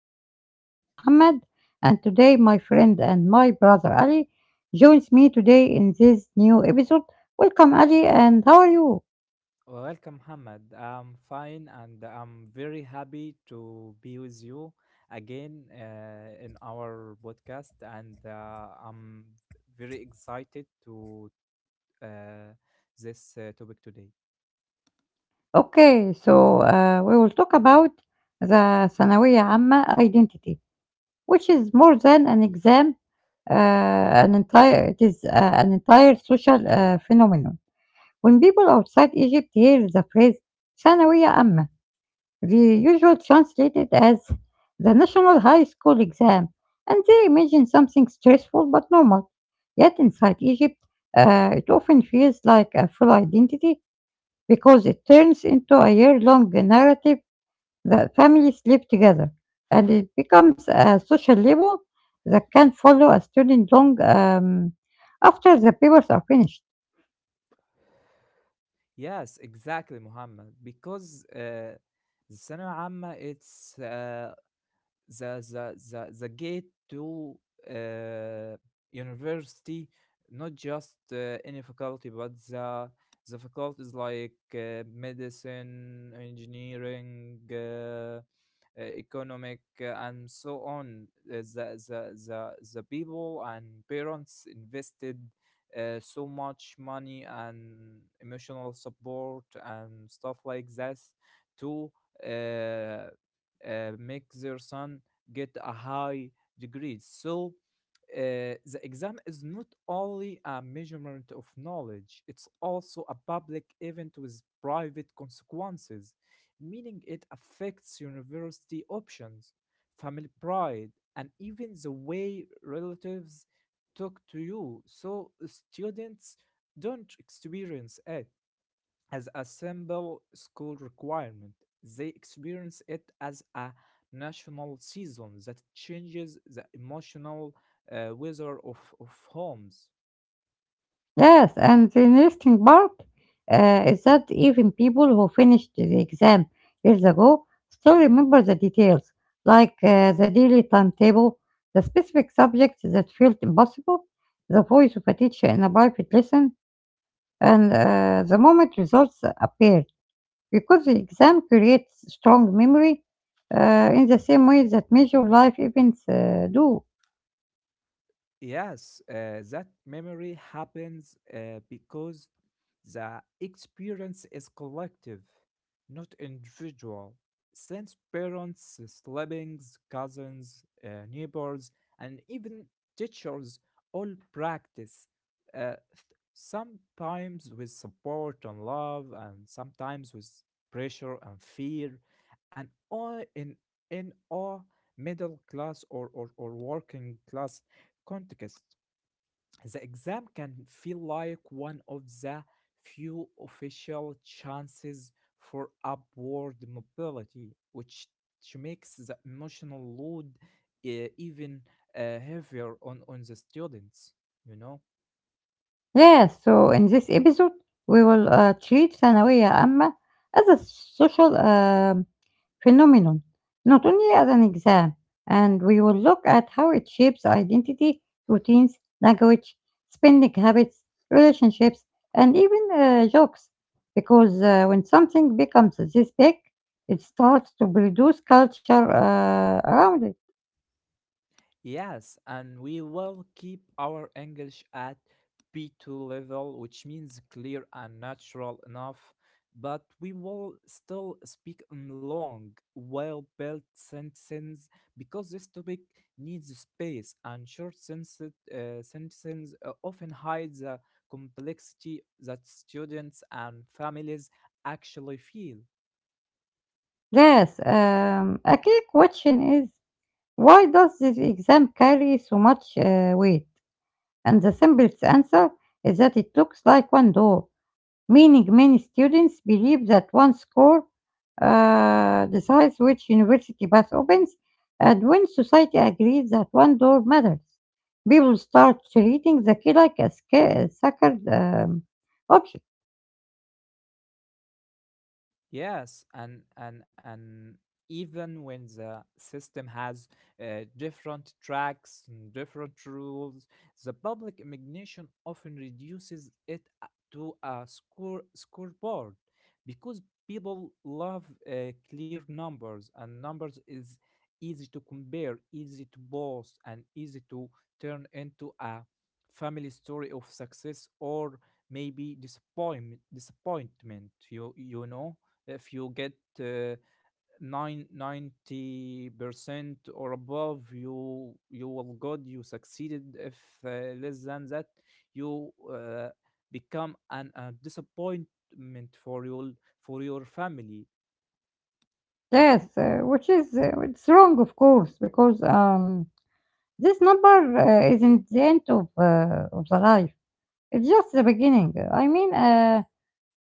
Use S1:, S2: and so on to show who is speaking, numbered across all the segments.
S1: episode. I'm Mohammed, and today my friend and my brother Ali joins me today in this new episode. Welcome, Ali, and how are you?
S2: Welcome, Mohammed. I'm fine and I'm very happy to be with you again in our podcast. And I'm very excited to uh, this topic today.
S1: Okay, so we will talk about the ثانوية عامة identity, which is more than an exam, an entire social phenomenon. When people outside Egypt hear the phrase ثانوية عامة, the usual translated as the National High School Exam, and they imagine something stressful but normal. Yet inside Egypt, it often feels like a full identity because it turns into a year long narrative that families live together, and it becomes a social label that can follow a student long after the papers are finished.
S2: Yes, exactly, Mohammed. Because the ثانوية عامة it's the the gate to uh, university, not just any faculty, but the faculties like medicine, engineering, economic, and so on. The people and parents invested. So much money and emotional support and stuff like this to uh, make their son get a high degree. So the exam is not only a measurement of knowledge, it's also a public event with private consequences, meaning it affects university options, family pride, and even the way relatives talk to you. So students don't experience it as a simple school requirement. They experience it as a national season that changes the emotional weather of homes.
S1: Yes, and the interesting part is that even people who finished the exam years ago still remember the details, like the daily timetable, the specific subjects that felt impossible, the voice of a teacher in a private lesson, and the moment results appeared. Because the exam creates strong memory in the same way that major life events do.
S2: Yes, that memory happens because the experience is collective, not individual. Since parents, siblings, cousins, neighbors, and even teachers all practice, uh, th- sometimes with support and love, and sometimes with pressure and fear, and all in all middle class or working class context, the exam can feel like one of the few official chances for upward mobility, which makes the emotional load even heavier on the students, you know?
S1: Yeah, so in this episode, we will treat ثانوية عامة as a social phenomenon, not only as an exam, and we will look at how it shapes identity, routines, language, spending habits, relationships, and even jokes. Because when something becomes this big, it starts to produce culture around it.
S2: Yes, and we will keep our English at B2 level, which means clear and natural enough, but we will still speak in long, well built sentences because this topic needs space, and short sentences often hide the complexity that students and families actually feel.
S1: Yes, a key question is, why does this exam carry so much weight? And the simplest answer is that it looks like one door, meaning many students believe that one score decides which university path opens, and when society agrees that one door matters, people start treating the key like a sacred option.
S2: Yes, and even when the system has different tracks and different rules, the public imagination often reduces to a scoreboard because people love clear numbers, and numbers is easy to compare, easy to boast, and easy to turn into a family story of success or maybe disappointment. You know, if you get uh, 90% or above, you will good, you succeeded. If less than that, you become a disappointment for your family.
S1: Yes, which is it's wrong, of course, because this number isn't the end of the life. It's just the beginning. I mean,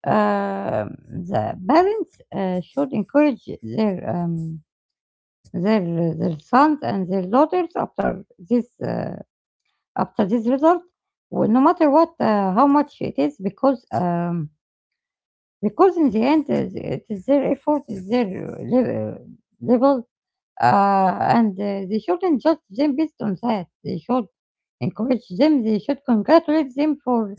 S1: uh, the parents should encourage their their their sons and their daughters after this result, no matter what how much it is, because in the end it is their effort, is their level, level and they shouldn't judge them based on that. They should encourage them. They should congratulate them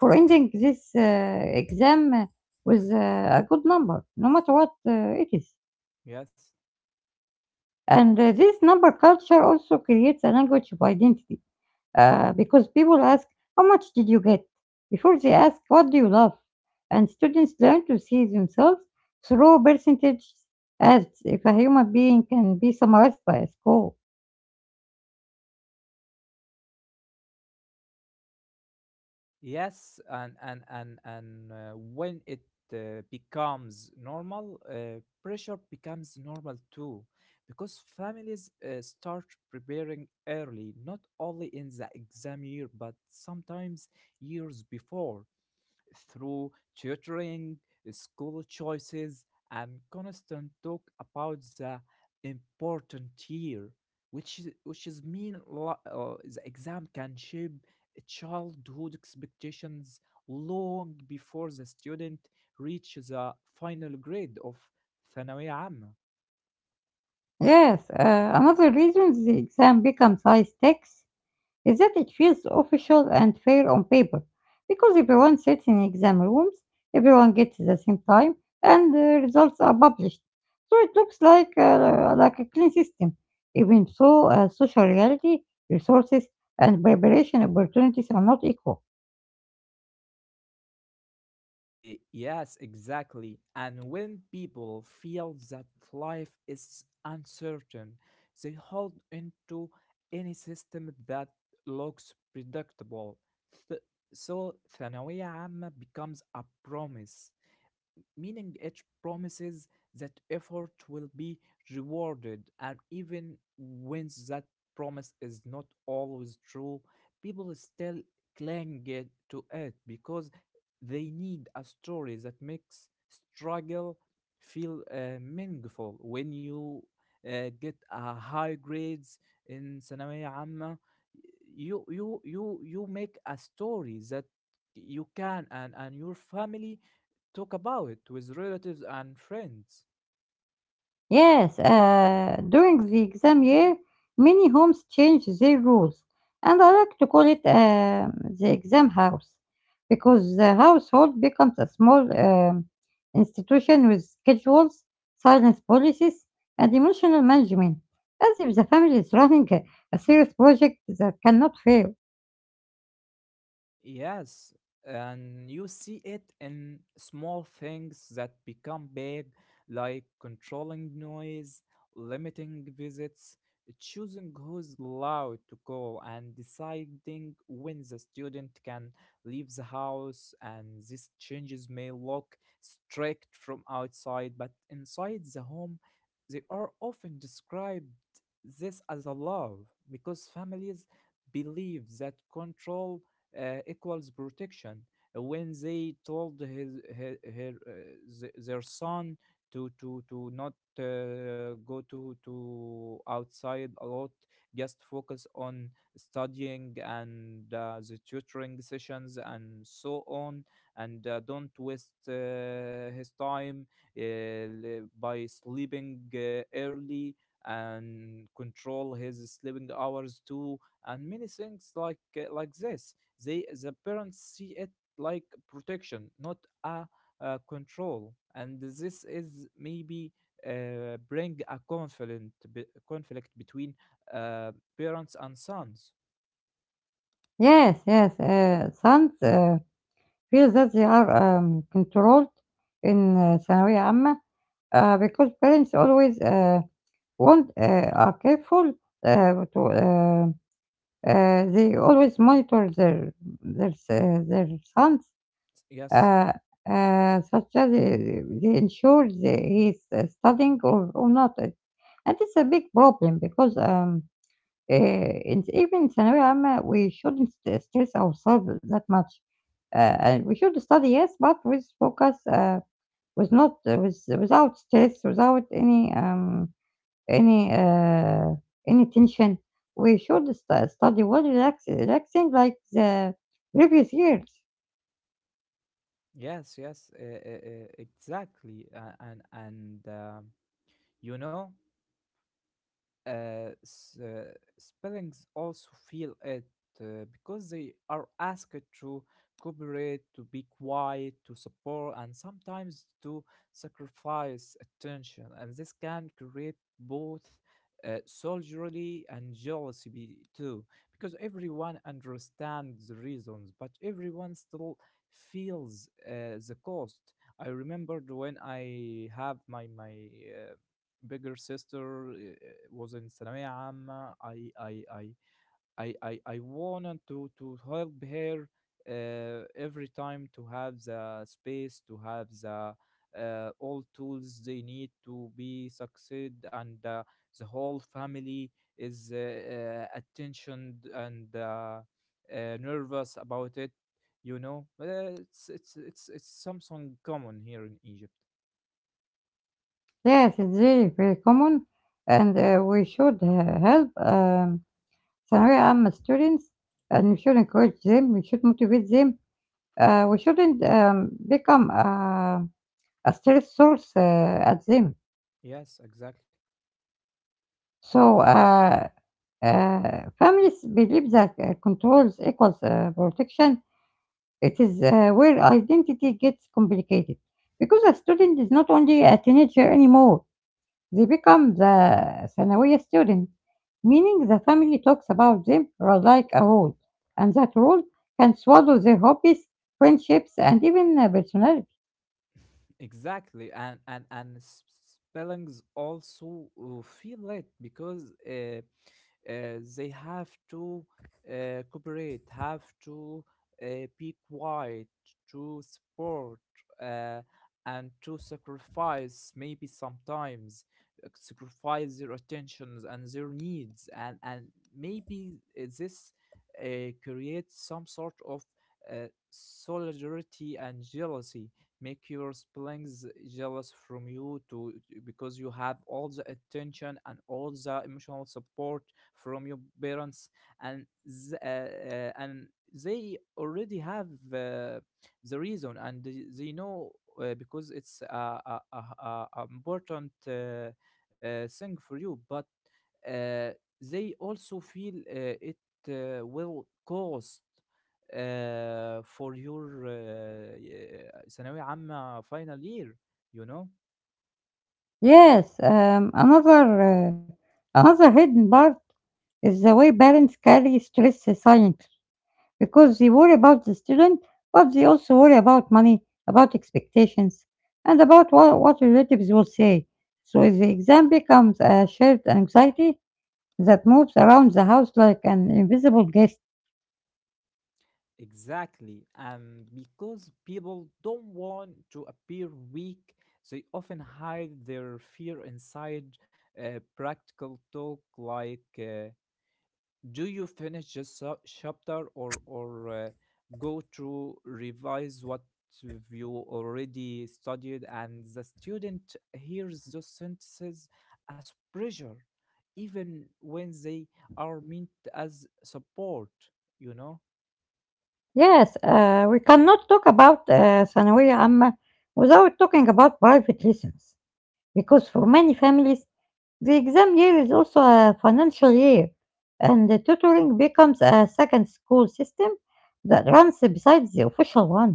S1: for ending this exam with a good number, no matter what it is.
S2: Yes.
S1: And this number culture also creates a language of identity because people ask, how much did you get? Before they ask, what do you love? And students learn to see themselves through percentages as if a human being can be summarized by a score.
S2: Yes, and when it becomes normal, pressure becomes normal too, because families start preparing early, not only in the exam year, but sometimes years before through tutoring, school choices, and constant talk about the important year, which is the exam can shape childhood expectations long before the student reaches the final grade of ثانوية عامة.
S1: Yes, another reason the exam becomes high stakes is that it feels official and fair on paper because everyone sits in exam rooms, everyone gets the same time, and the results are published. So it looks like a clean system. Even so, social reality, resources, and preparation opportunities are not equal.
S2: Yes, exactly. And when people feel that life is uncertain, they hold into any system that looks predictable. Th- so, ثانوية عامة becomes a promise, meaning it promises that effort will be rewarded, and even when that promise is not always true, people still cling it to it because they need a story that makes struggle feel meaningful. When you get a high grades in ثانوية عامة, you make a story that you can and your family talk about it with relatives and friends.
S1: Yes, during the exam year, many homes change their rules, and I like to call it the exam house because the household becomes a small institution with schedules, silence policies, and emotional management, as if the family is running a serious project that cannot fail.
S2: Yes, and you see it in small things that become big, like controlling noise, limiting visits, choosing who's allowed to call, and deciding when the student can leave the house. And these changes may look strict from outside, but inside the home, they are often described this as a love because families believe that control equals protection. When they told her, their son to not go to outside a lot, just focus on studying and the tutoring sessions and so on, and don't waste his time uh, by sleeping early and control his sleeping hours too and many things like this, they, the parents, see it like protection, not a, control, and this is maybe bring a conflict between uh, parents and sons.
S1: Yes, yes, sons feel that they are controlled in ثانوية عامة because parents always won't, are careful to they always monitor their their sons,
S2: Yes,
S1: uh, such as they ensure that he's studying or not. And it's a big problem because uh, in, even in ثانوية عامة we shouldn't stress ourselves that much. And we should study, yes, but with focus, with without stress, without any uh, any tension. We should study well relaxing like the previous years.
S2: yes, yes, exactly, and you know. uh, s- uh, Spellings also feel it because they are asked to cooperate, to be quiet, to support, and sometimes to sacrifice attention. And this can create both soldierly and jealousy too, because everyone understands the reasons, but everyone still feels the cost. I remembered when I have my uh, bigger sister was in ثانوية عامة. I wanted to help her every time to have the space, to have the all tools they need to be succeed, and the whole family is attention and nervous about it, you know? But it's something common here in Egypt.
S1: Yes, it's really very common, and we should help ثانوية عامة students, and we should encourage them. We should motivate them. We shouldn't become a stress source at them.
S2: Yes, exactly.
S1: So. Families believe that controls equals protection. It is where identity gets complicated because a student is not only a teenager anymore, they become the ثانوية student, meaning the family talks about them like a role, and that role can swallow their hobbies, friendships, and even personality.
S2: Exactly, and spellings also feel it because they have to cooperate, have to uh, be quiet, to support, uh, and to sacrifice, maybe sometimes sacrifice their attentions and their needs, and maybe this creates some sort of solidarity and jealousy, make your siblings jealous from you to, because you have all the attention and all the emotional support from your parents, and and they already have the reason, and they know because it's a, a, a important thing for you, but uh, they also feel it will cost for your ثانوية عامة final year, you know.
S1: Yes, uh, another hidden part is the way parents carry stress silently, because they worry about the student, but they also worry about money, about expectations, and about what relatives will say. So if the exam becomes a shared anxiety that moves around the house like an invisible guest.
S2: Exactly. And because people don't want to appear weak, they often hide their fear inside practical talk like, do you finish this chapter, or go to revise what you already studied? And the student hears those sentences as pressure, even when they are meant as support, you know?
S1: Yes, we cannot talk about ثانوية عامة without talking about private lessons, because for many families, the exam year is also a financial year, and the tutoring becomes a second school system that runs besides the official one.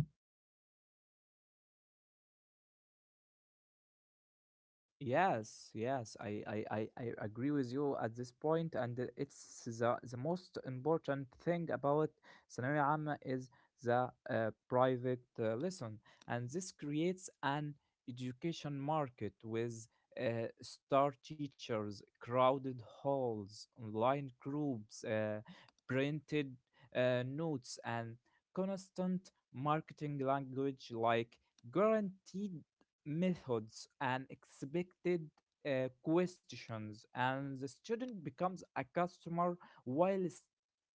S2: Yes, I agree with you at this point, and it's the most important thing about ثانوية عامة is the private lesson, and this creates an education market with star teachers, crowded halls, online groups, printed notes, and constant marketing language like guaranteed methods and expected questions, and the student becomes a customer while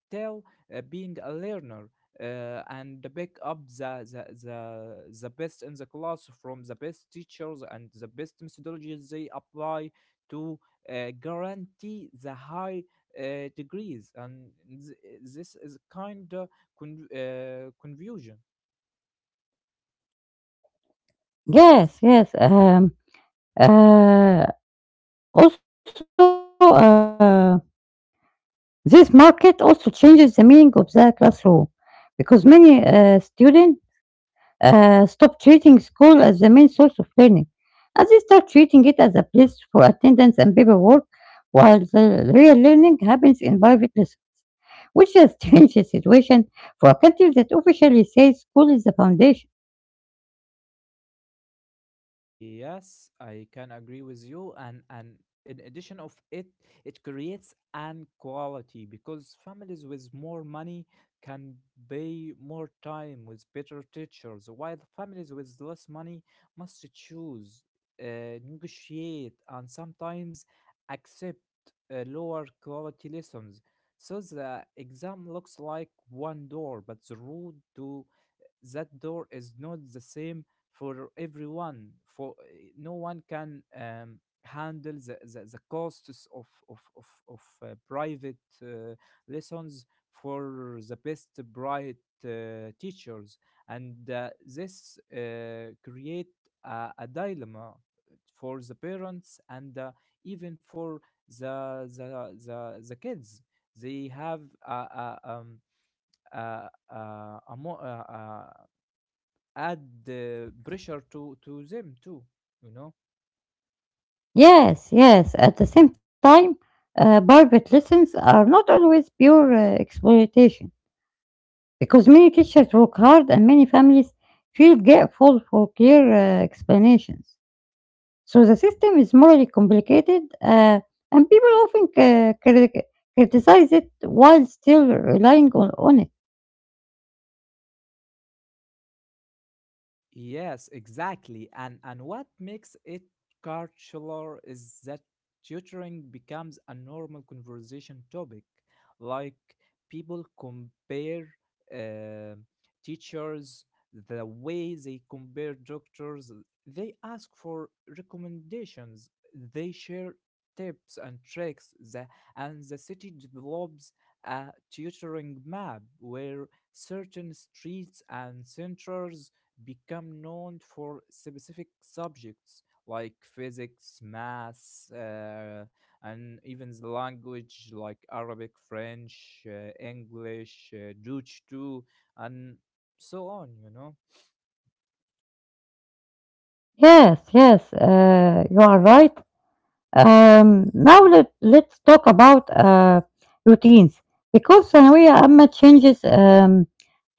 S2: still being a learner. And pick up the the the best in the class from the best teachers and the best methodologies they apply to guarantee the high degrees, and this is kind of confusion.
S1: Yes, yes. Uh, Also, this market also changes the meaning of the classroom because many students stop treating school as the main source of learning, as they start treating it as a place for attendance and paperwork, while the real learning happens in private lessons, which is a strange situation for a country that officially says school is the foundation.
S2: Yes, I can agree with you. And in addition of it, it creates an quality because families with more money can pay more time with better teachers, while families with less money must choose, negotiate, and sometimes accept lower quality lessons. So the exam looks like one door, but the road to that door is not the same for everyone, for no one can handle the costs of private uh, lessons for the best bright teachers, and this create a dilemma for the parents and even for the kids. They have a, a, a add the pressure to them too, you know.
S1: Yes, yes, at the same time, private lessons are not always pure exploitation, because many teachers work hard and many families feel grateful for clear explanations. So the system is morally complicated, and people often criticize it while still relying on it.
S2: Yes, exactly. And what makes it cultural is that tutoring becomes a normal conversation topic. Like, people compare uh, teachers the way they compare doctors. They ask for recommendations. They share tips and tricks. And the city develops a tutoring map where certain streets and centers become known for specific subjects like physics, math, and even the language like Arabic, French, English, Dutch too, and so on, you know.
S1: Yes, yes, you are right. Now let's talk about routines because ثانوية عامة changes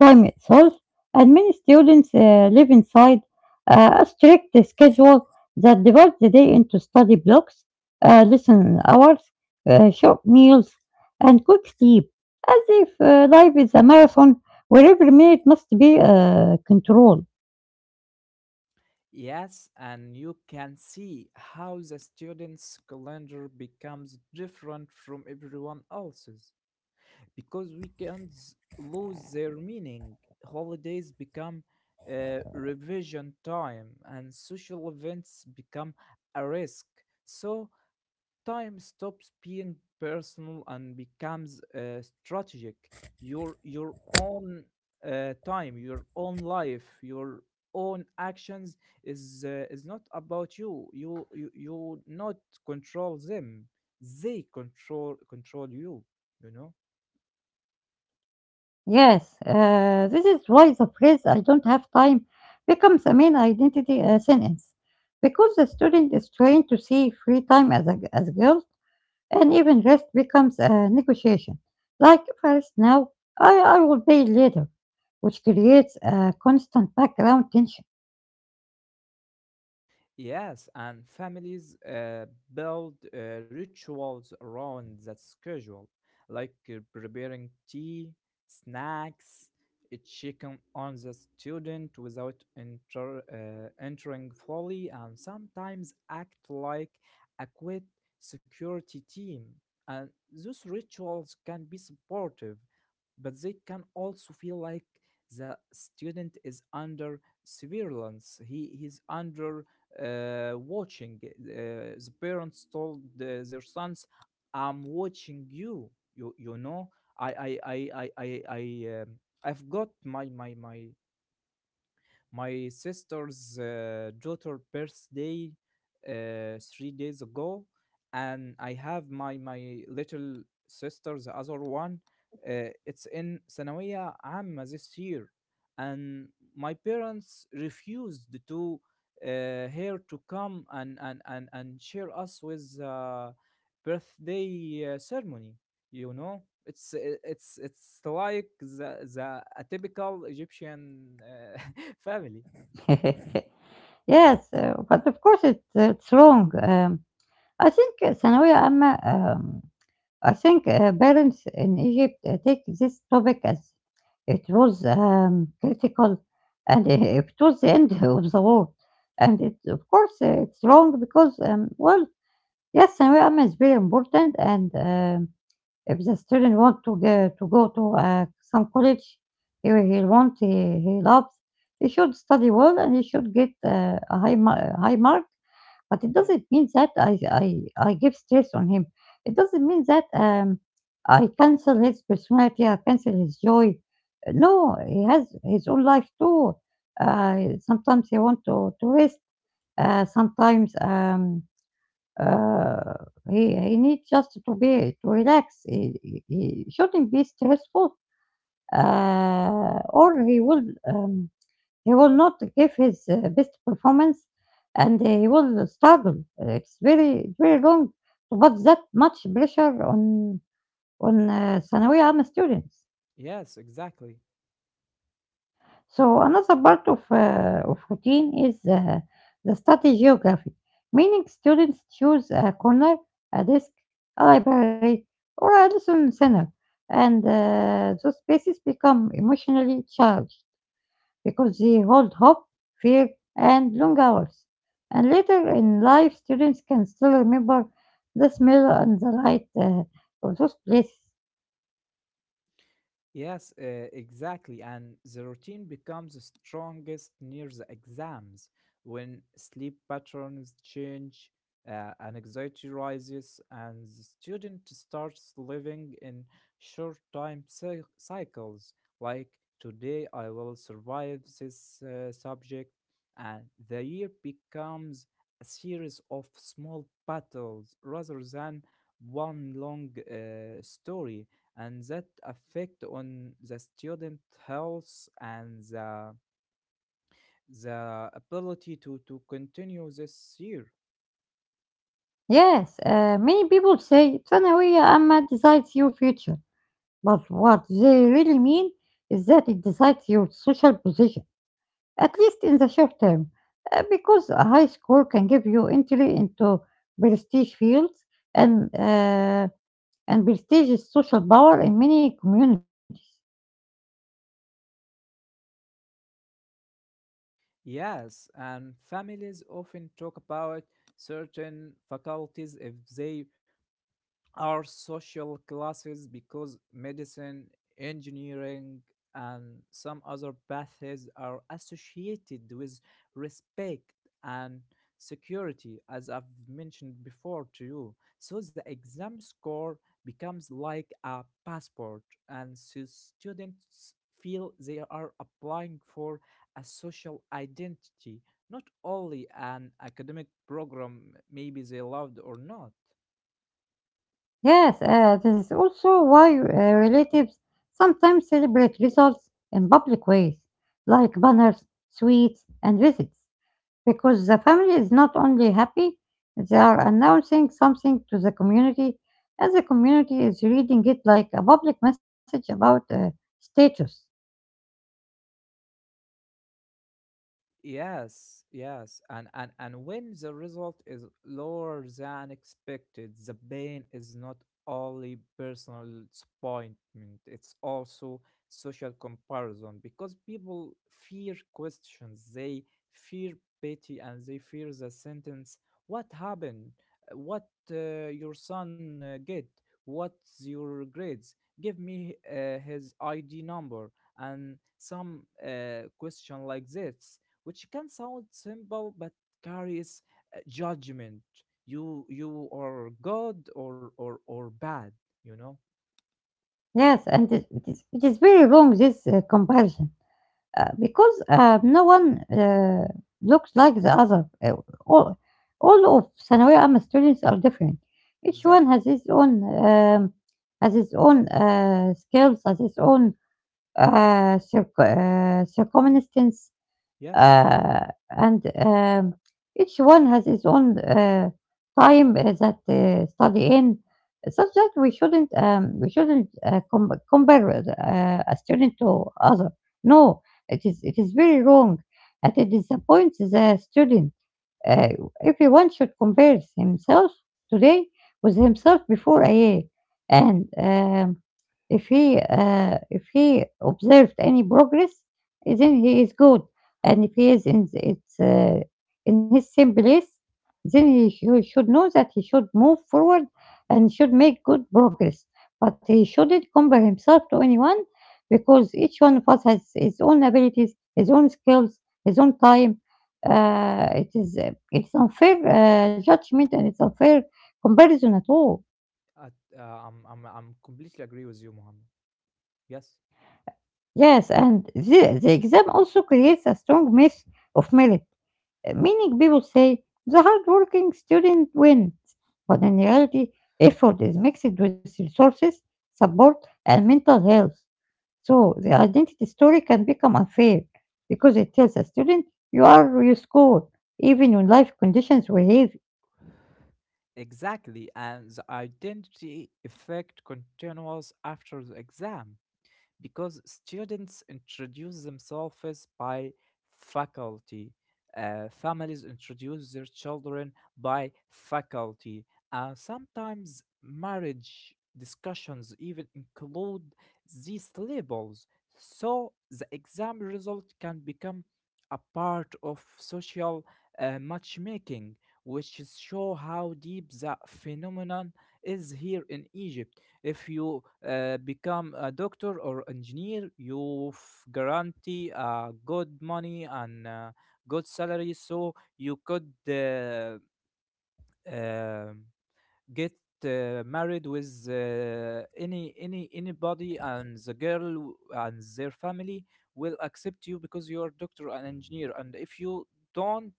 S1: time itself, and many students live inside a strict schedule that divides the day into study blocks, lesson hours, short meals, and quick sleep as if life is a marathon where every minute must be controlled.
S2: Yes, and you can see how the student's calendar becomes different from everyone else's, because weekends lose their meaning. Holidays become revision time, and social events become a risk. So time stops being personal and becomes strategic. Your own time, your own life, your own actions is not about you. You not control them. They control you. You know.
S1: Yes, this is why the phrase "I don't have time" becomes a main identity sentence because the student is trained to see free time as, as guilt, and even rest becomes a negotiation. Like first now, I will pay later, which creates a constant background tension.
S2: Yes, and families build rituals around that schedule, like preparing tea, snacks, checking on the student without entering fully, and sometimes act like a quick security team. And those rituals can be supportive, but they can also feel like the student is under surveillance. He is under watching. The parents told the, their sons, "I'm watching you." You know, I I I I I I um, I've got my sister's daughter birthday 3 days ago, and I have my little sister, the other one. It's in ثانوية عامة this year, and my parents refused to her to come and share us with birthday ceremony. You know, it's it's like the a typical Egyptian. Family.
S1: Yes, but of course it's wrong. I think Sanawia Amma, I think parents in Egypt take this topic as it was critical, and it was the end of the world. And it, of course, it's wrong because, well, yes, ثانوية عامة is very important. And if the student want to go to go to some college, he, loves, he should study well and he should get high mark, but it
S2: Yeah.
S1: doesn't mean that I give stress on him. It doesn't mean that I cancel his personality, I cancel his joy. No, he has his own life too. Sometimes he want to rest. Sometimes uh, he needs just to relax. He he shouldn't be stressful, or he will. Um, he will not give his best performance, and he will struggle. It's very very wrong to put that much pressure on ثانوية عامة students.
S2: Yes, exactly.
S1: So another part of routine is the study geography, meaning students choose a corner, a desk, a library, or a lesson center, and those spaces become emotionally charged, because they hold hope, fear, and long hours. And later in life, students can still remember the smell and the light of those places.
S2: Yes, exactly. And the routine becomes strongest near the exams when sleep patterns change, and anxiety rises, and the student starts living in cycles, like today I will survive this subject, and the year becomes a series of small battles rather than one long story, and that affect on the student health and the ability to continue this year.
S1: Yes, many people say ثانوية عامة decides your future, but what they really mean is that it decides your social position, at least in the short term, because a high score can give you entry into prestige fields and uh, and prestige is social power in many communities.
S2: Yes, and families often talk about certain faculties if they are social classes, because medicine, engineering, and some other paths are associated with respect and security, as I've mentioned before to you. So the exam score becomes like a passport, and so students feel they are applying for a social identity, not only an academic program, maybe they loved or not.
S1: Yes, this is also why relatives sometimes celebrate results in public ways, like banners, sweets, and visits, because the family is not only happy, they are announcing something to the community, and the community is reading it like a public message about status.
S2: Yes, and when the result is lower than expected, the pain is not only personal disappointment; it's also social comparison, because people fear questions, they fear pity, and they fear the sentence: "What happened? What your son get? What's your grades? Give me his ID number." And some question like this, which can sound simple but carries judgment. You are good or bad. You know
S1: Yes, and it is very wrong, this comparison. Because no one looks like the other. All, all of ثانوية عامة students are different. Each one
S2: exactly.
S1: has his own skills, has his own circumstance,
S2: Yes.
S1: uh, and each one has its own time that study in, such that we shouldn't compare a student to other. No, it is very wrong, and it disappoints the student. Uh, Everyone should compare himself today with himself before a year. And if he if he observed any progress, then he is good. And if he is in the- it's in his same place, then he should know that he should move forward and should make good progress. But he shouldn't compare himself to anyone because each one of us has his own abilities, his own skills, his own time, it is it's unfair judgment and it's unfair comparison at all.
S2: At, uh, I'm completely agree with you, Muhammad. Yes,
S1: Yes, and the exam also creates a strong myth of merit, meaning people say the hardworking student wins, but in reality, effort is mixed with resources, support, and mental health. So the identity story can become unfair because it tells a student you are you score even when life conditions were heavy.
S2: exactly. And the identity effect continues after the exam, because students introduce themselves by faculty, families introduce their children by faculty, and sometimes marriage discussions even include these labels. So the exam result can become a part of social matchmaking, which is show how deep the phenomenon is here in Egypt. If you become a doctor or engineer, you guarantee good money and good salary, so you could um, get married with uh, anybody, and the girl and their family will accept you because you're doctor and engineer. And if you don't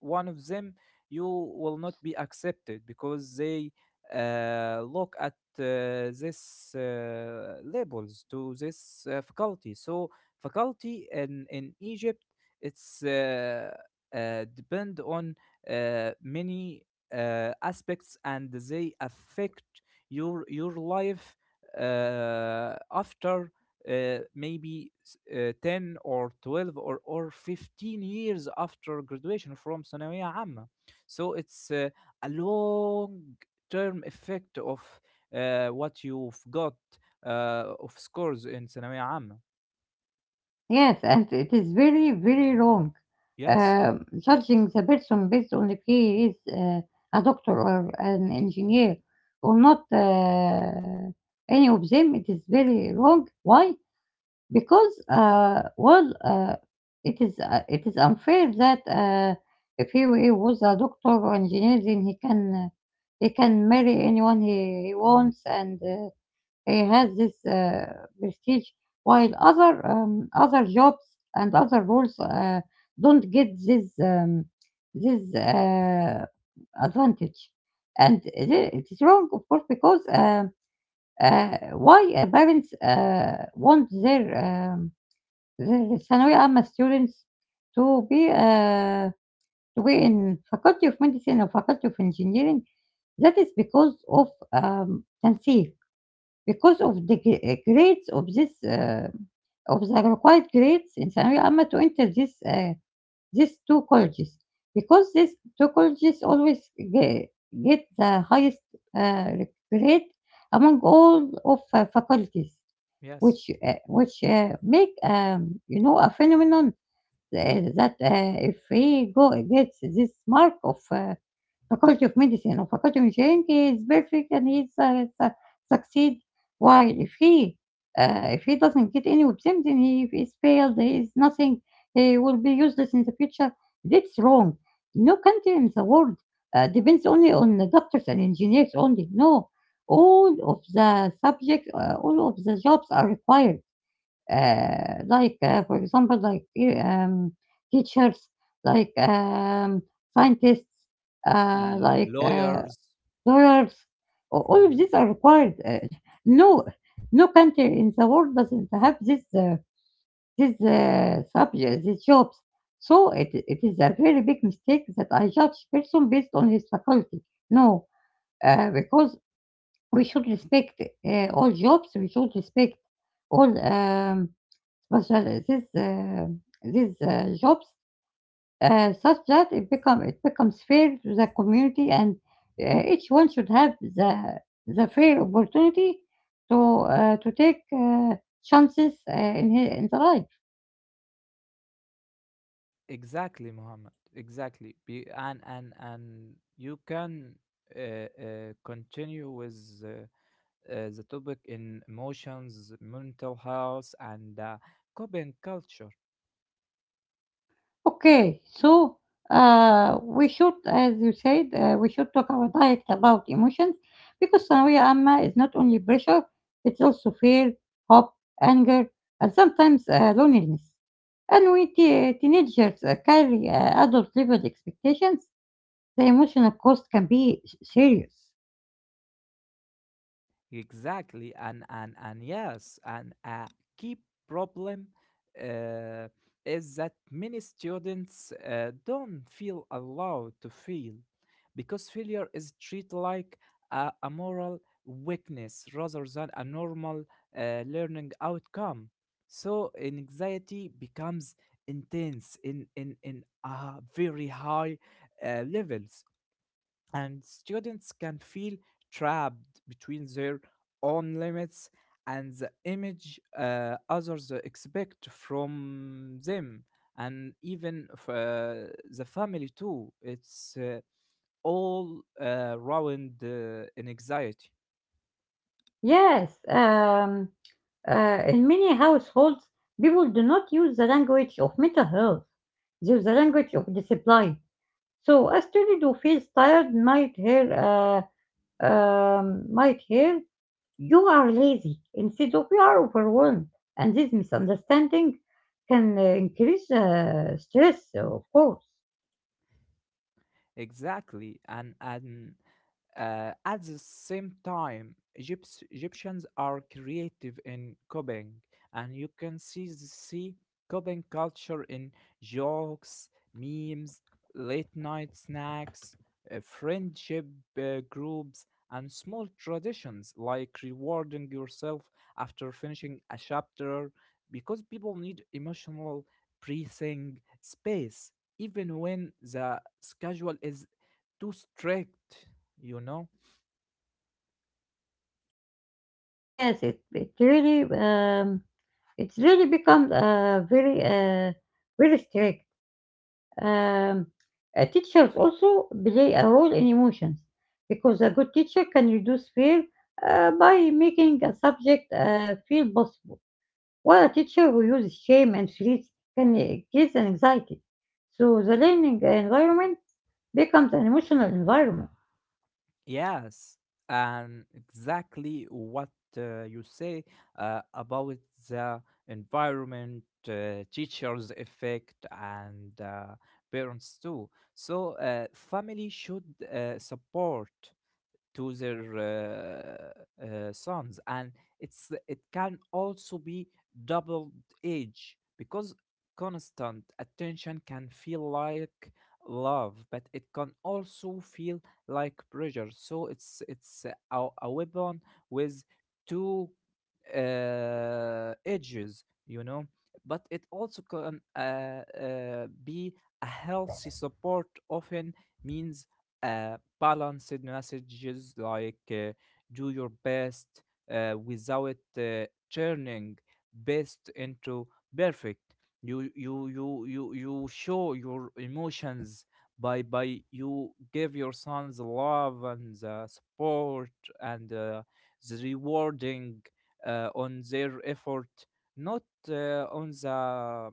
S2: one of them, you will not be accepted because they look at this labels to this faculty. So faculty in Egypt, it's depend on many aspects, and they affect your life after uh, maybe 10 or 12, or 15 years after graduation from ثانوية عامة. So it's a long term effect of what you've got of scores in ثانوية عامة.
S1: Yes, and it is very, very wrong.
S2: Yes.
S1: Judging the person based on if he is a doctor or an engineer or not, any of them, it is very wrong. Why? Because it is unfair that if he was a doctor or engineer, then he can marry anyone he wants. And. It has this prestige, while other jobs and other roles don't get this advantage. And it is wrong, of course, because uh, why parents want their ثانوية عامة students to be uh, to be in faculty of medicine or faculty of engineering. That is because of تنسيق, because of the gr grades of of the required grades in ثانوية عامة to enter these 2 colleges. Because these 2 colleges always ge get the highest, uh, grade among all of faculties,
S2: Yes,
S1: which, make, you know, a phenomenon that if he go gets this mark of faculty of medicine or faculty of engineering, he is perfect and he is, succeed. While if he doesn't get any of them, then he is failed. He is nothing. He will be useless in the future. That's wrong. No country in the world depends only on the doctors and engineers only. No, all of the subjects, all of the jobs are required like for example, like teachers, like scientists, like
S2: lawyers.
S1: lawyers. All of
S2: Mm-hmm.
S1: these are required. No, no country in the world doesn't have this subject, these jobs. So it is a very big mistake that I judge person based on his faculty. No, because we should respect all jobs. We should respect all. But these jobs, such that it becomes fair to the community, and each one should have the fair opportunity to take chances in the life.
S2: Exactly, Muhammad. Exactly. Be, and you can uh, uh, continue with uh, the topic in emotions, mental health, and coping culture.
S1: Okay, so we should, as you said, we should talk our diet about emotions because ثانوية عامة is not only pressure, it's also fear, hope, anger, and sometimes loneliness. And when teenagers carry adult level expectations, the emotional cost can be serious.
S2: Exactly and yes and a key problem uh, is that many students don't feel allowed to feel, because failure is treated like a moral weakness rather than a normal learning outcome. So anxiety becomes intense in a very high levels, and students can feel trapped between their own limits and the image others expect from them. And even the family too, it's all round in anxiety.
S1: Yes, in many households, people do not use the language of mental health, they use the language of discipline. So a student who feels tired might hear you are lazy instead of you are overwhelmed, and this misunderstanding can increase stress, of course.
S2: Exactly, and at the same time, Egypt, Egyptians are creative in copying, and you can see see copying culture in jokes, memes, late night snacks, friendship groups, and small traditions like rewarding yourself after finishing a chapter, because people need emotional breathing space even when the schedule is too strict, you know?
S1: Yes, it really it's really become very strict. Um, Teachers also play a role in emotions because a good teacher can reduce fear by making a subject feel possible, while a teacher who uses shame and threats can create an anxiety. So the learning environment becomes an emotional environment.
S2: Yes, and exactly what you say about the environment, teachers' effect, and parents too. So, family should support to their sons. And it's it can also be double edged, because constant attention can feel like love, but it can also feel like pressure. So it's a weapon with two edges, you know. But it also can be a healthy support. Often means balanced messages like do your best without turning best into perfect. You show your emotions by you give your sons love and the support, and the rewarding on their effort, not on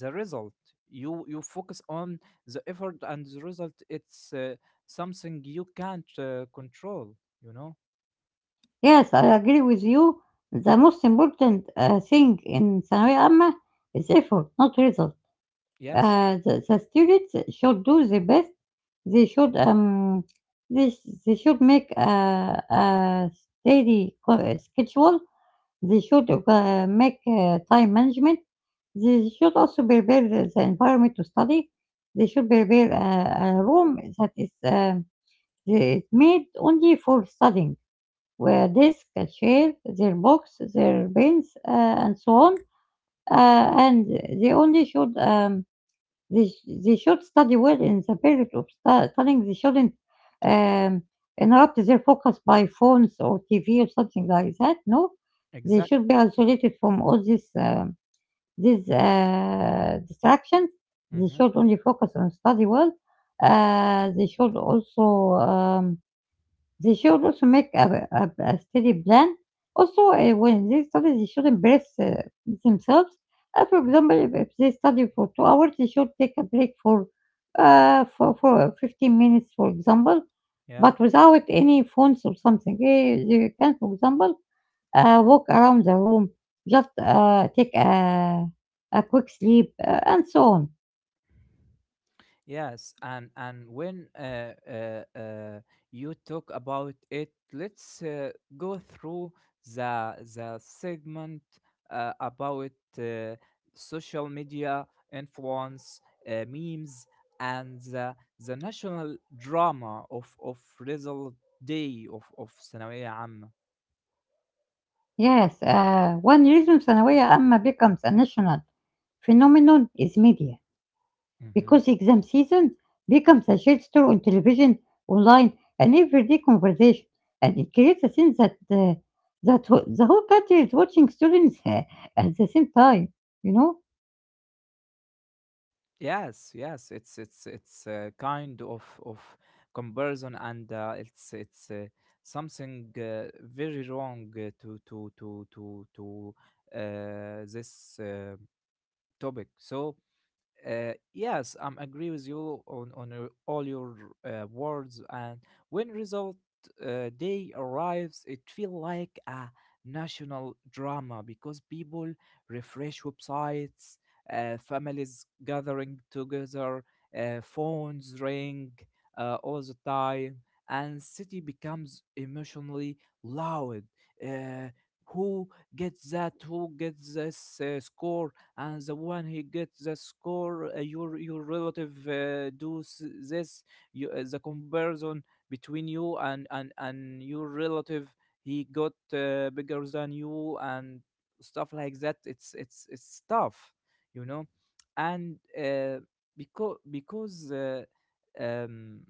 S2: the result. You focus on the effort, and the result it's something you can't control, you know.
S1: Yes, I agree with you. The most important thing in ثانوية عامة is effort, not result.
S2: Yes.
S1: The students should do their best. They should, this they should make a steady co schedule. They should, make, time management. They should also prepare the environment to study. They should prepare a room that is, um, that is made only for studying, where desk, a chair, their books, their pens, and so on. And they only should, they sh they should study well in the period of studying. They shouldn't, um, interrupt their focus by phones or TV or something like that, no. They
S2: Exact.
S1: should be isolated from all these distractions. They
S2: Hmm.
S1: should only focus on study well. They should also, um they should also make a steady plan. Also, when they study, they shouldn't uh, themselves. For example, if they study for 2 hours, they should take a break for for 15 minutes, for example,
S2: Yeah.
S1: but without any phones or something. They can, for example, walk around the room, just take a quick sleep, and so on.
S2: Yes, and when you talk about it, let's go through the segment about uh, social media influence, memes, and the national drama of result day of ثانوية عامة.
S1: Yes, one reason ثانوية عامة becomes a national phenomenon is media, because exam season becomes a shared story on television, online, and everyday conversation, and it creates a sense that that the whole country is watching students at the same time. You know,
S2: Yes, it's it's a kind of comparison, and it's something very wrong uh, to this topic. So yes, I am agree with you on your, all your words. And when result day arrives, it feel like a national drama because people refresh websites, families gathering together, phones ring all the time, and city becomes emotionally loud. Uh, who gets that? Who gets this score? And the one he gets the score, your relative does this. You, the comparison between you and your relative, he got bigger than you and stuff like that. It's tough, you know, and because because. Um,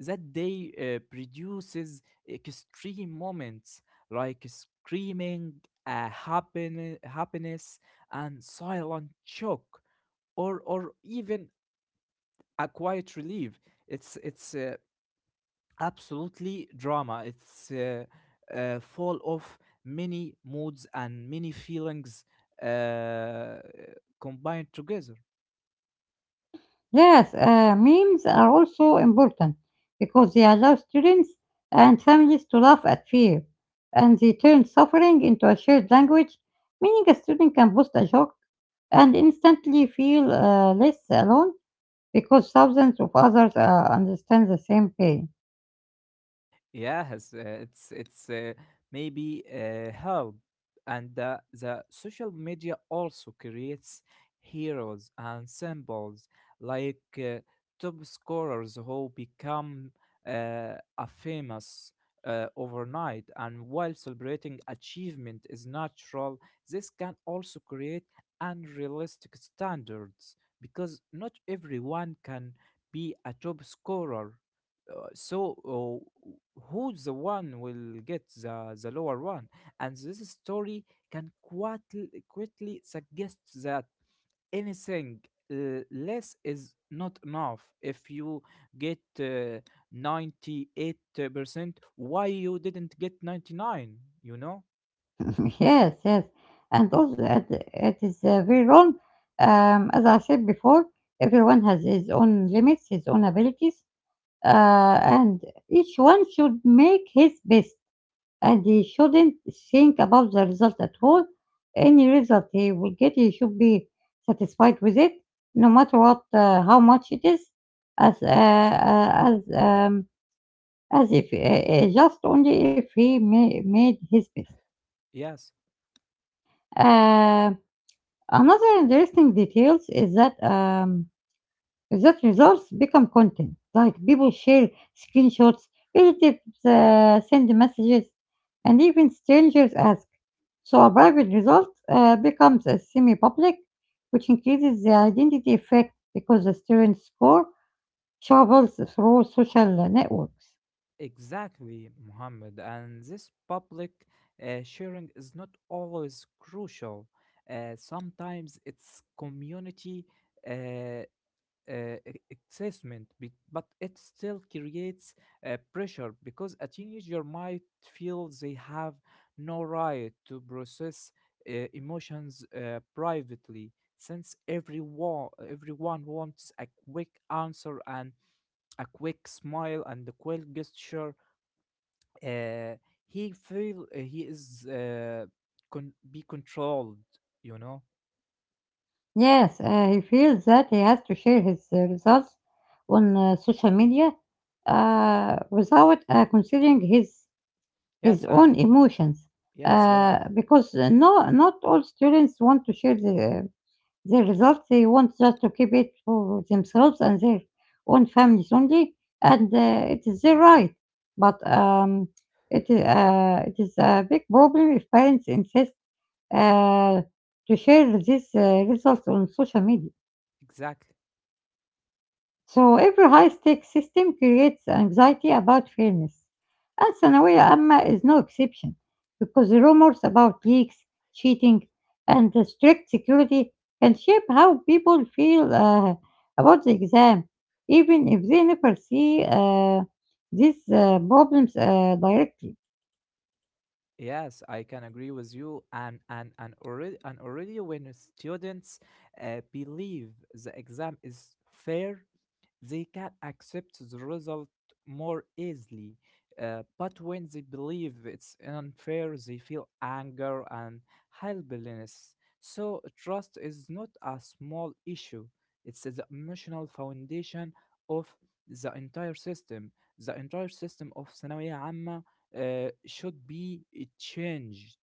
S2: that day produces extreme moments like screaming, happiness and silent shock, or even a quiet relief. It's absolutely drama. It's full of many moods and many feelings uh, combined together.
S1: yes, memes are also important because they allow students and families to laugh at fear, and they turn suffering into a shared language, meaning a student can post a joke and instantly feel less alone because thousands of others understand the same pain.
S2: Yes, it's maybe help, and the social media also creates heroes and symbols like top scorers who become a famous overnight. And while celebrating achievement is natural, this can also create unrealistic standards, because not everyone can be a top scorer, so who's the one will get the lower one. And this story can quite quickly suggest that anything less is not enough. If you get 98%, why you didn't get 99, you know?
S1: Yes, yes. And also, it is very wrong. As I said before, everyone has his own limits, his own abilities, and each one should make his best. And he shouldn't think about the result at all. Any result he will get, he should be satisfied with it, no matter what, how much it is. As uh, uh, as um, as if just only if he made his best.
S2: Yes.
S1: Uh, Another interesting details is that results become content. Like people share screenshots, relatives send messages, and even strangers ask. So a private result becomes a semi-public, which increases the identity effect because the student's score travels through social networks.
S2: Exactly, Muhammad. And this public sharing is not always crucial. Sometimes it's community uh, uh, e- assessment, but it still creates pressure, because a teenager might feel they have no right to process emotions privately. Since everyone wants a quick answer and a quick smile and a quick gesture, uh, he feel he is be controlled, you know.
S1: Yes, he feels that he has to share his results on social media without considering his
S2: Yes,
S1: own emotions
S2: yes. Yeah,
S1: because no, not all students want to share their results. They want just to keep it for themselves and their own families only, and it is their right. But it is a big problem if parents insist uh, to share these results on social media.
S2: exactly.
S1: So every high-stake system creates anxiety about fairness, and Sanawiya Amma is no exception because rumors about leaks, cheating, and the strict security can shape how people feel about the exam, even if they never see these problems directly.
S2: yes I can agree with you and already and already, when students believe the exam is fair, they can accept the result more easily. But when they believe it's unfair, they feel anger and helplessness. So, trust is not a small issue, it's the emotional foundation of the entire system. The entire system of Sanawiyya Amma should be changed.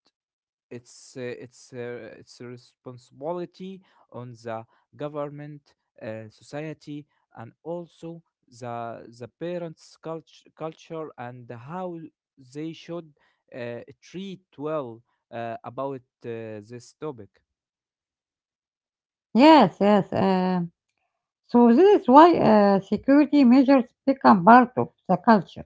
S2: It's it's a responsibility on the government, society, and also the parents' culture, and how they should treat well about this topic.
S1: Yes, yes. So this is why security measures become part of the culture.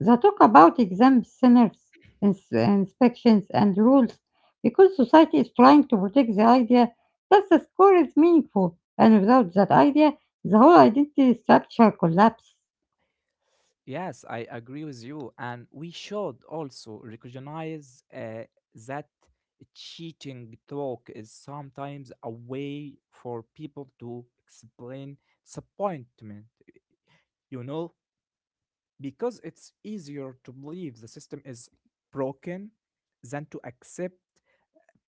S1: They talk about exams, sinners, inspections, and rules because society is trying to protect the idea that the score is meaningful, and without that idea, the whole identity structure collapses.
S2: Yes, I agree with you, and we should also recognize that cheating talk is sometimes a way for people to explain disappointment, you know, because it's easier to believe the system is broken than to accept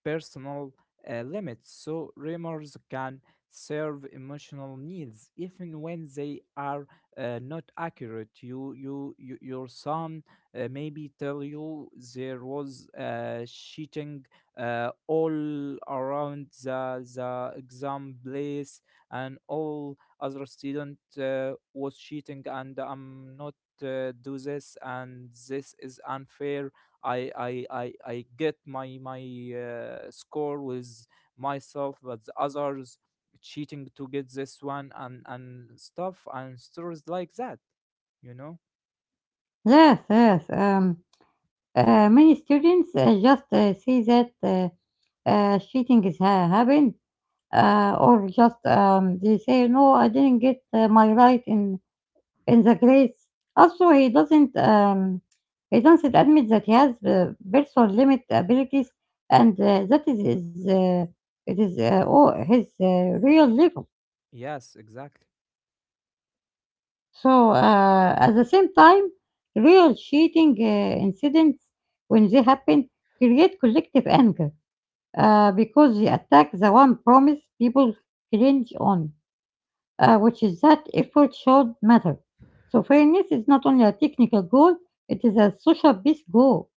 S2: personal limits. So rumors can serve emotional needs even when they are not accurate. You you your son maybe tell you there was cheating all around the exam place, and all other student was cheating, and I'm not do this, and this is unfair. I get my my score with myself, but the others cheating to get this one, and stuff and stories like that. You know?
S1: Yes, yes. Many students just see that cheating is happened, or just they say, "No, I didn't get my right in the Grace." Also, he doesn't admit that he has personal limit abilities, and that is it is his real level.
S2: Yes, exactly.
S1: So at the same time, real cheating incidents when they happen create collective anger because they attack the one promise people cringe on, which is that effort should matter. So fairness is not only a technical goal, it is a social peace goal.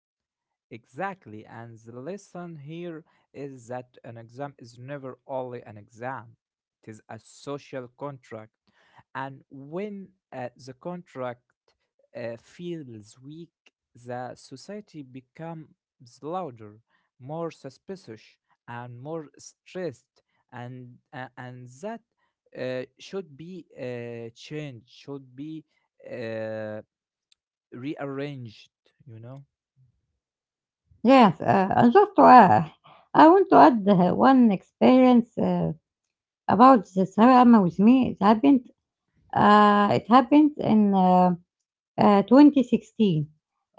S2: Exactly, and the lesson here is that an exam is never only an exam, it is a social contract. And when the contract feels weak, the society becomes louder, more suspicious, and more stressed. And that should be changed, should be uh, rearranged, you know?
S1: Yes, and I want to add one experience about the Sarama with me. It happened. It happened in 2016.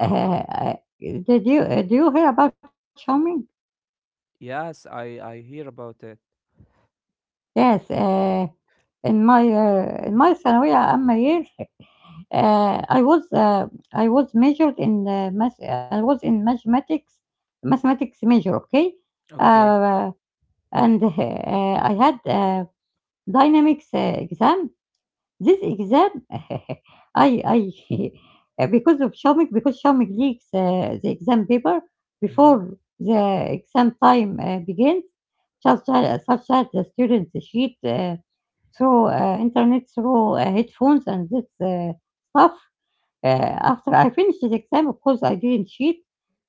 S1: Did you do you hear about Xiaoming?
S2: Yes, I hear about it.
S1: Yes, in my ثانوية عامة year, Uh, I was uh, I was majored in math. I was in mathematics, mathematics major. Okay,
S2: Okay.
S1: uh, and I had dynamics exam. This exam, I because of Shamik, because Shamik leaks the exam paper
S2: Hmm.
S1: before the exam time begins, such as, such that the students cheat through internet through headphones and this stuff. After I finish the exam, of course, I didn't cheat.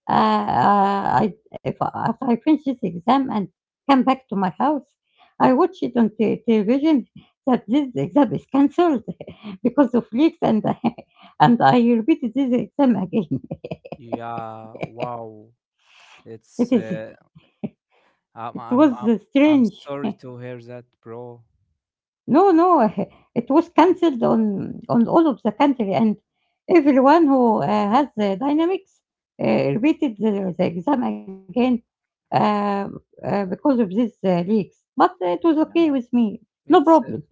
S1: I if After I finished this exam and came back to my house, I watched it on te television that this exam is cancelled because of leaks, and and I repeated this exam again.
S2: Yeah, wow.
S1: It
S2: It's
S1: is
S2: I'm
S1: it
S2: I'm
S1: was
S2: I'm I'm
S1: strange.
S2: sorry to hear that, bro.
S1: No, no, it was
S2: Mm.
S1: cancelled on all of the country, and everyone who has Dynamics repeated the exam again, uh, because of these, leaks, but it was okay with
S2: Yeah,
S1: me, no
S2: it's
S1: problem.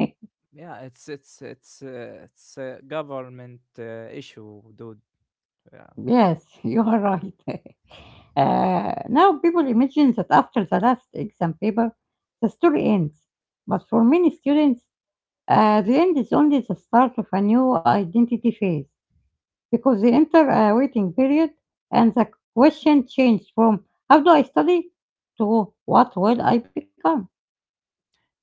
S2: yeah, it's it's a government issue, dude. Yeah.
S1: Yes, you are right. Now people imagine that after the last exam paper, the story ends, but for many students, the end is only the start of a new identity phase, because they enter a waiting period, and the question changed from how do I study to what will I become?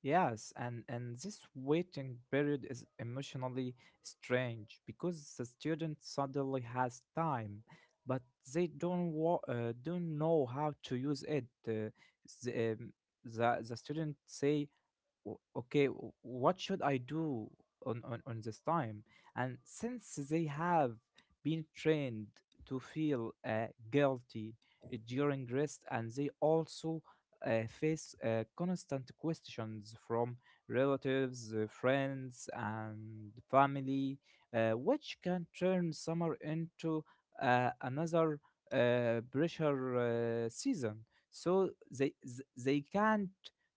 S2: Yes, and this waiting period is emotionally strange because the student suddenly has time, but they don't know how to use it. The, um, the student say, "O- okay, what should I do on this time?" And since they have been trained to feel guilty during rest, and they also face constant questions from relatives, friends and family, which can turn summer into another pressure season. So they can't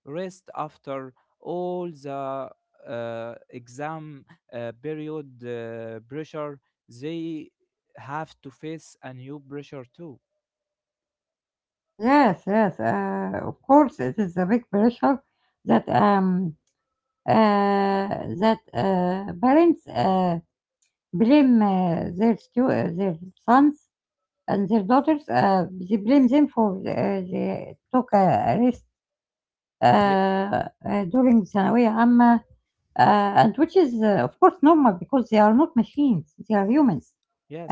S2: rest after all the exam period pressure. They have to face a new pressure too.
S1: Yes, yes, of course, it is a big pressure that um, uh, that parents blame their sons and their daughters. They blame them for they took a risk
S2: Yeah.
S1: Uh, during ثانوية عامة, and which is, of course, normal because they are not machines, they are humans,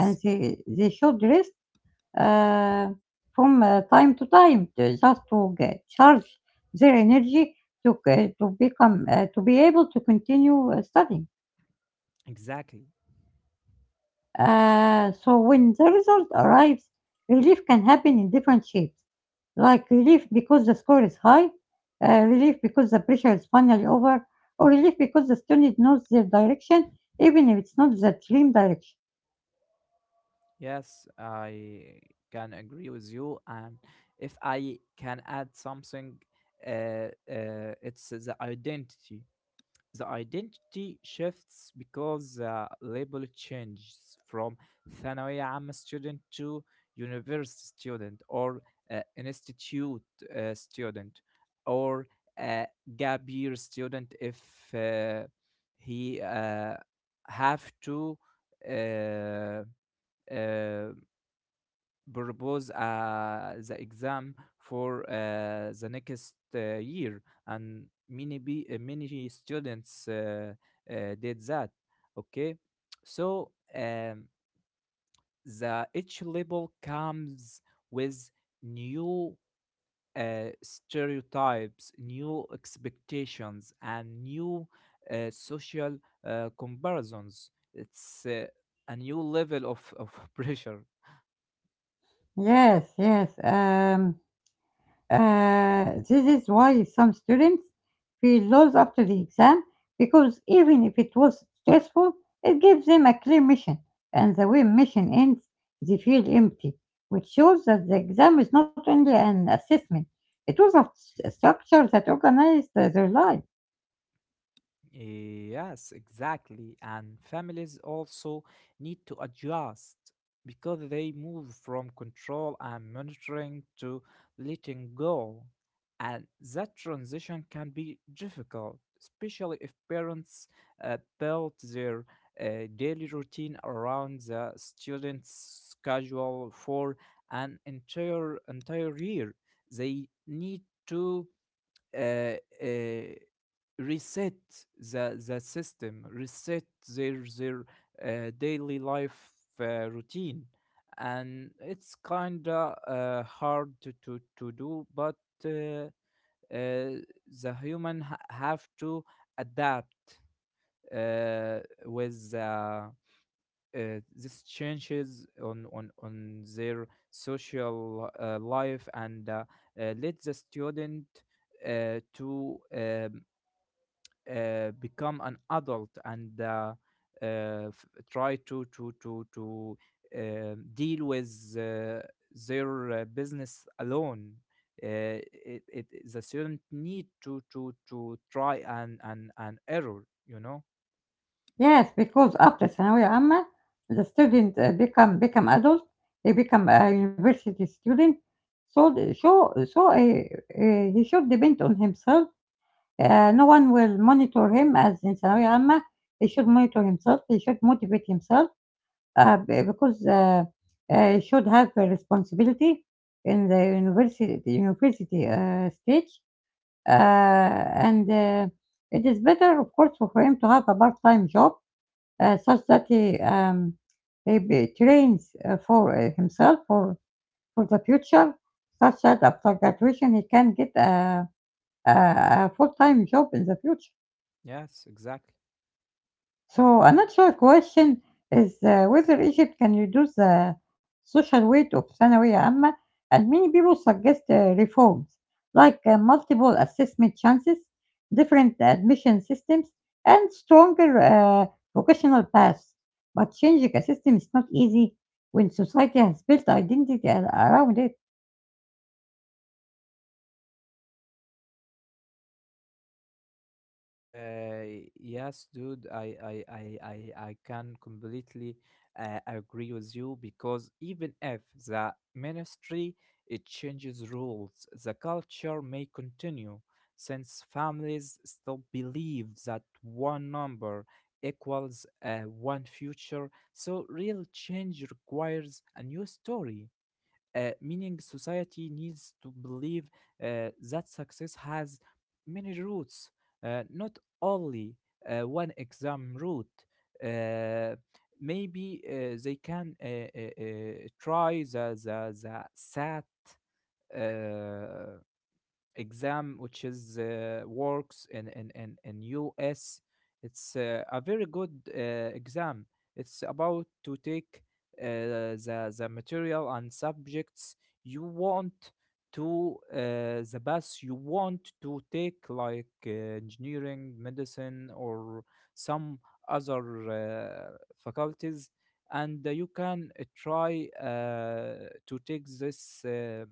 S1: and they should rest uh, from time to time to- just to get, charge their energy to become to be able to continue studying.
S2: exactly.
S1: So when the result arrives, relief can happen in different shapes, like relief because the score is high, relief because the pressure is finally over, or relief because the student knows their direction, even if it's not the dream direction.
S2: Yes, I can agree with you, and if I can add something, it's the identity. The identity shifts because the label changes from ثانوية عامة student to university student or institute student, or a gap year student if uh, he have to uh, uh, propose the exam for the next year. And many students uh, did that. Okay, so the each label comes with new stereotypes, new expectations, and new social comparisons. It's a new level of pressure.
S1: Yes, yes. This is why some students feel lost after the exam, because even if it was stressful, it gives them a clear mission, and the way mission ends, they feel empty, which shows that the exam is not only an assessment, it was a structure that organized their life.
S2: Yes, exactly. And families also need to adjust because they move from control and monitoring to letting go. And that transition can be difficult, especially if parents build their daily routine around the student's schedule for an entire year. They need to uh, uh, reset the system, reset their daily life routine, and it's kinda hard to do, but uh, uh, the human have to adapt uh, with. This changes on their social life, and let the student to become an adult, and uh, try to deal with uh, their business alone. Uh, it, the student need to try, and and error. You know.
S1: Yes, because after ثانوية عامة, the student become adult, they become a university student, so he should depend on himself. No one will monitor him as in ثانوية عامة. He should monitor himself. He should motivate himself because he should have a responsibility in the university stage. And It is better, of course, for him to have a part-time job such that he trains for himself for the future, such that after graduation he can get a, a full-time job in the future.
S2: Yes, exactly.
S1: So a natural question is whether Egypt can reduce the social weight of ثانوية عامة, and many people suggest reforms like multiple assessment chances, different admission systems, and stronger vocational paths. But changing a system is not easy when society has built identity around it.
S2: Yes, dude, I can completely agree with you, because even if the ministry it changes rules, the culture may continue, since families still believe that one number equals one future. So real change requires a new story, meaning society needs to believe that success has many routes, not only one exam route. Uh, Maybe they can try the SAT. Uh, Exam which is works in US. It's a very good exam. It's about to take the material and subjects you want to the bus you want to take, like engineering, medicine, or some other faculties, and you can try to take this.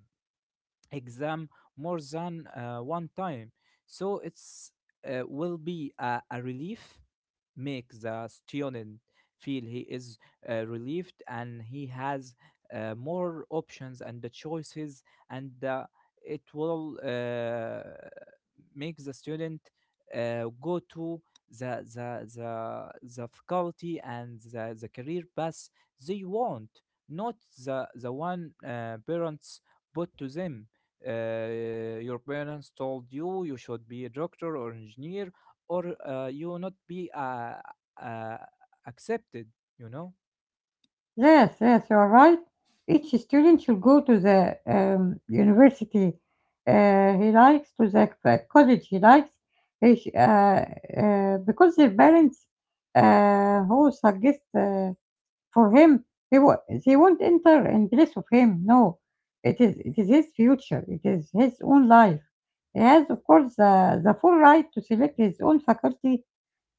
S2: Exam more than one time. So it's will be a relief, make the student feel he is relieved and he has more options and the choices, and it will make the student go to the the the faculty and the career path they want, not the one parents put to them. Your parents told you you should be a doctor or engineer, or you not be uh, accepted, you know.
S1: Yes, yes, you are right. Each student should go to the university he likes, to the college he likes, he sh- uh, because the parents who suggest for him, he wa- they won't enter in place of him. No, it is his future. It is his own life. He has, of course, the full right to select his own faculty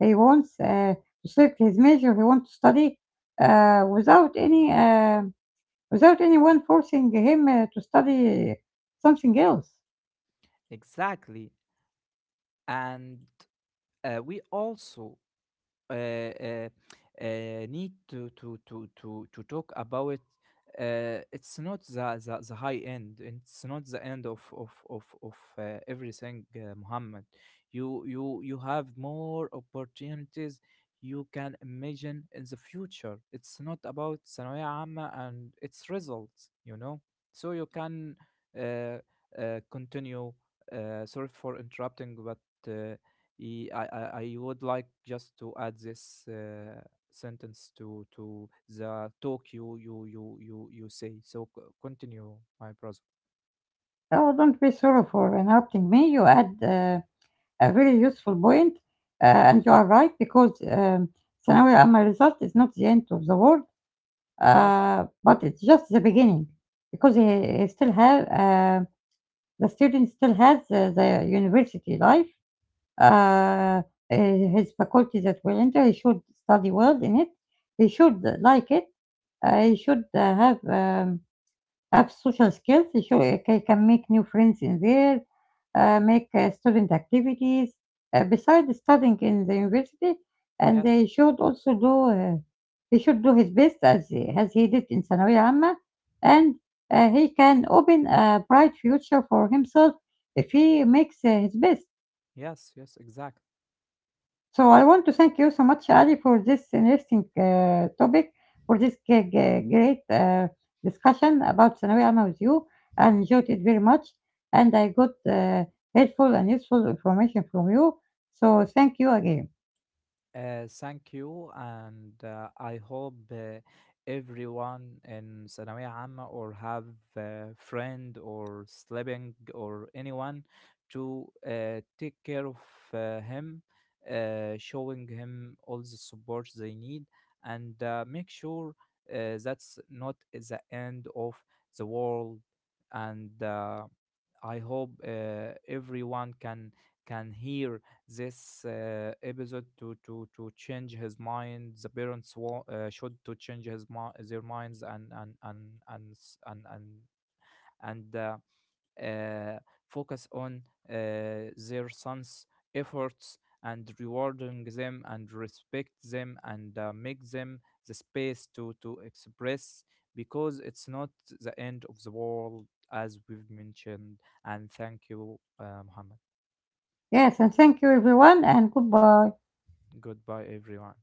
S1: he wants to select his major. He wants to study without any without anyone forcing him to study something else.
S2: Exactly. And we also uh, uh, need to talk about it's not the high end, it's not the end of everything, Muhammad. You have more opportunities you can imagine in the future. It's not about ثانوية عامة and its results, you know. So you can uh, continue. Sorry for interrupting, but uh, I would like just to add this sentence to the talk you say. So continue, my brother.
S1: Oh, don't be sorry for interrupting me. You add a very useful point, and you are right because ثانوية عامة result is not the end of the world,
S2: Yes,
S1: but it's just the beginning, because he still have the student still has the university life uh, uh, his faculty that will enter. He should study well in it. He should like it. He should have social skills. He can make new friends in there, make student activities. Besides studying in the university, and
S2: yes,
S1: he should also do he should do his best as he did in ثانوية عامة, and he can open a bright future for himself if he makes his best.
S2: yes, exactly.
S1: So I want to thank you so much, Ali, for this interesting topic, for this great discussion about Thanawi Alma with you. I enjoyed it very much, and I got helpful and useful information from you. So thank you again.
S2: Thank you, and I hope everyone in ثانوية عامة, or have a friend or sleeping or anyone, to take care of him, showing him all the support they need, and make sure that's not the end of the world. And. I hope everyone can hear this episode, to change his mind. The parents should to change his their minds, and s- and and. Uh, focus on their sons' efforts, and rewarding them, and respect them, and make them the space to express, because it's not the end of the world, as we've mentioned. And thank you, Muhammad.
S1: Yes, and thank you, everyone, and goodbye.
S2: Goodbye, everyone.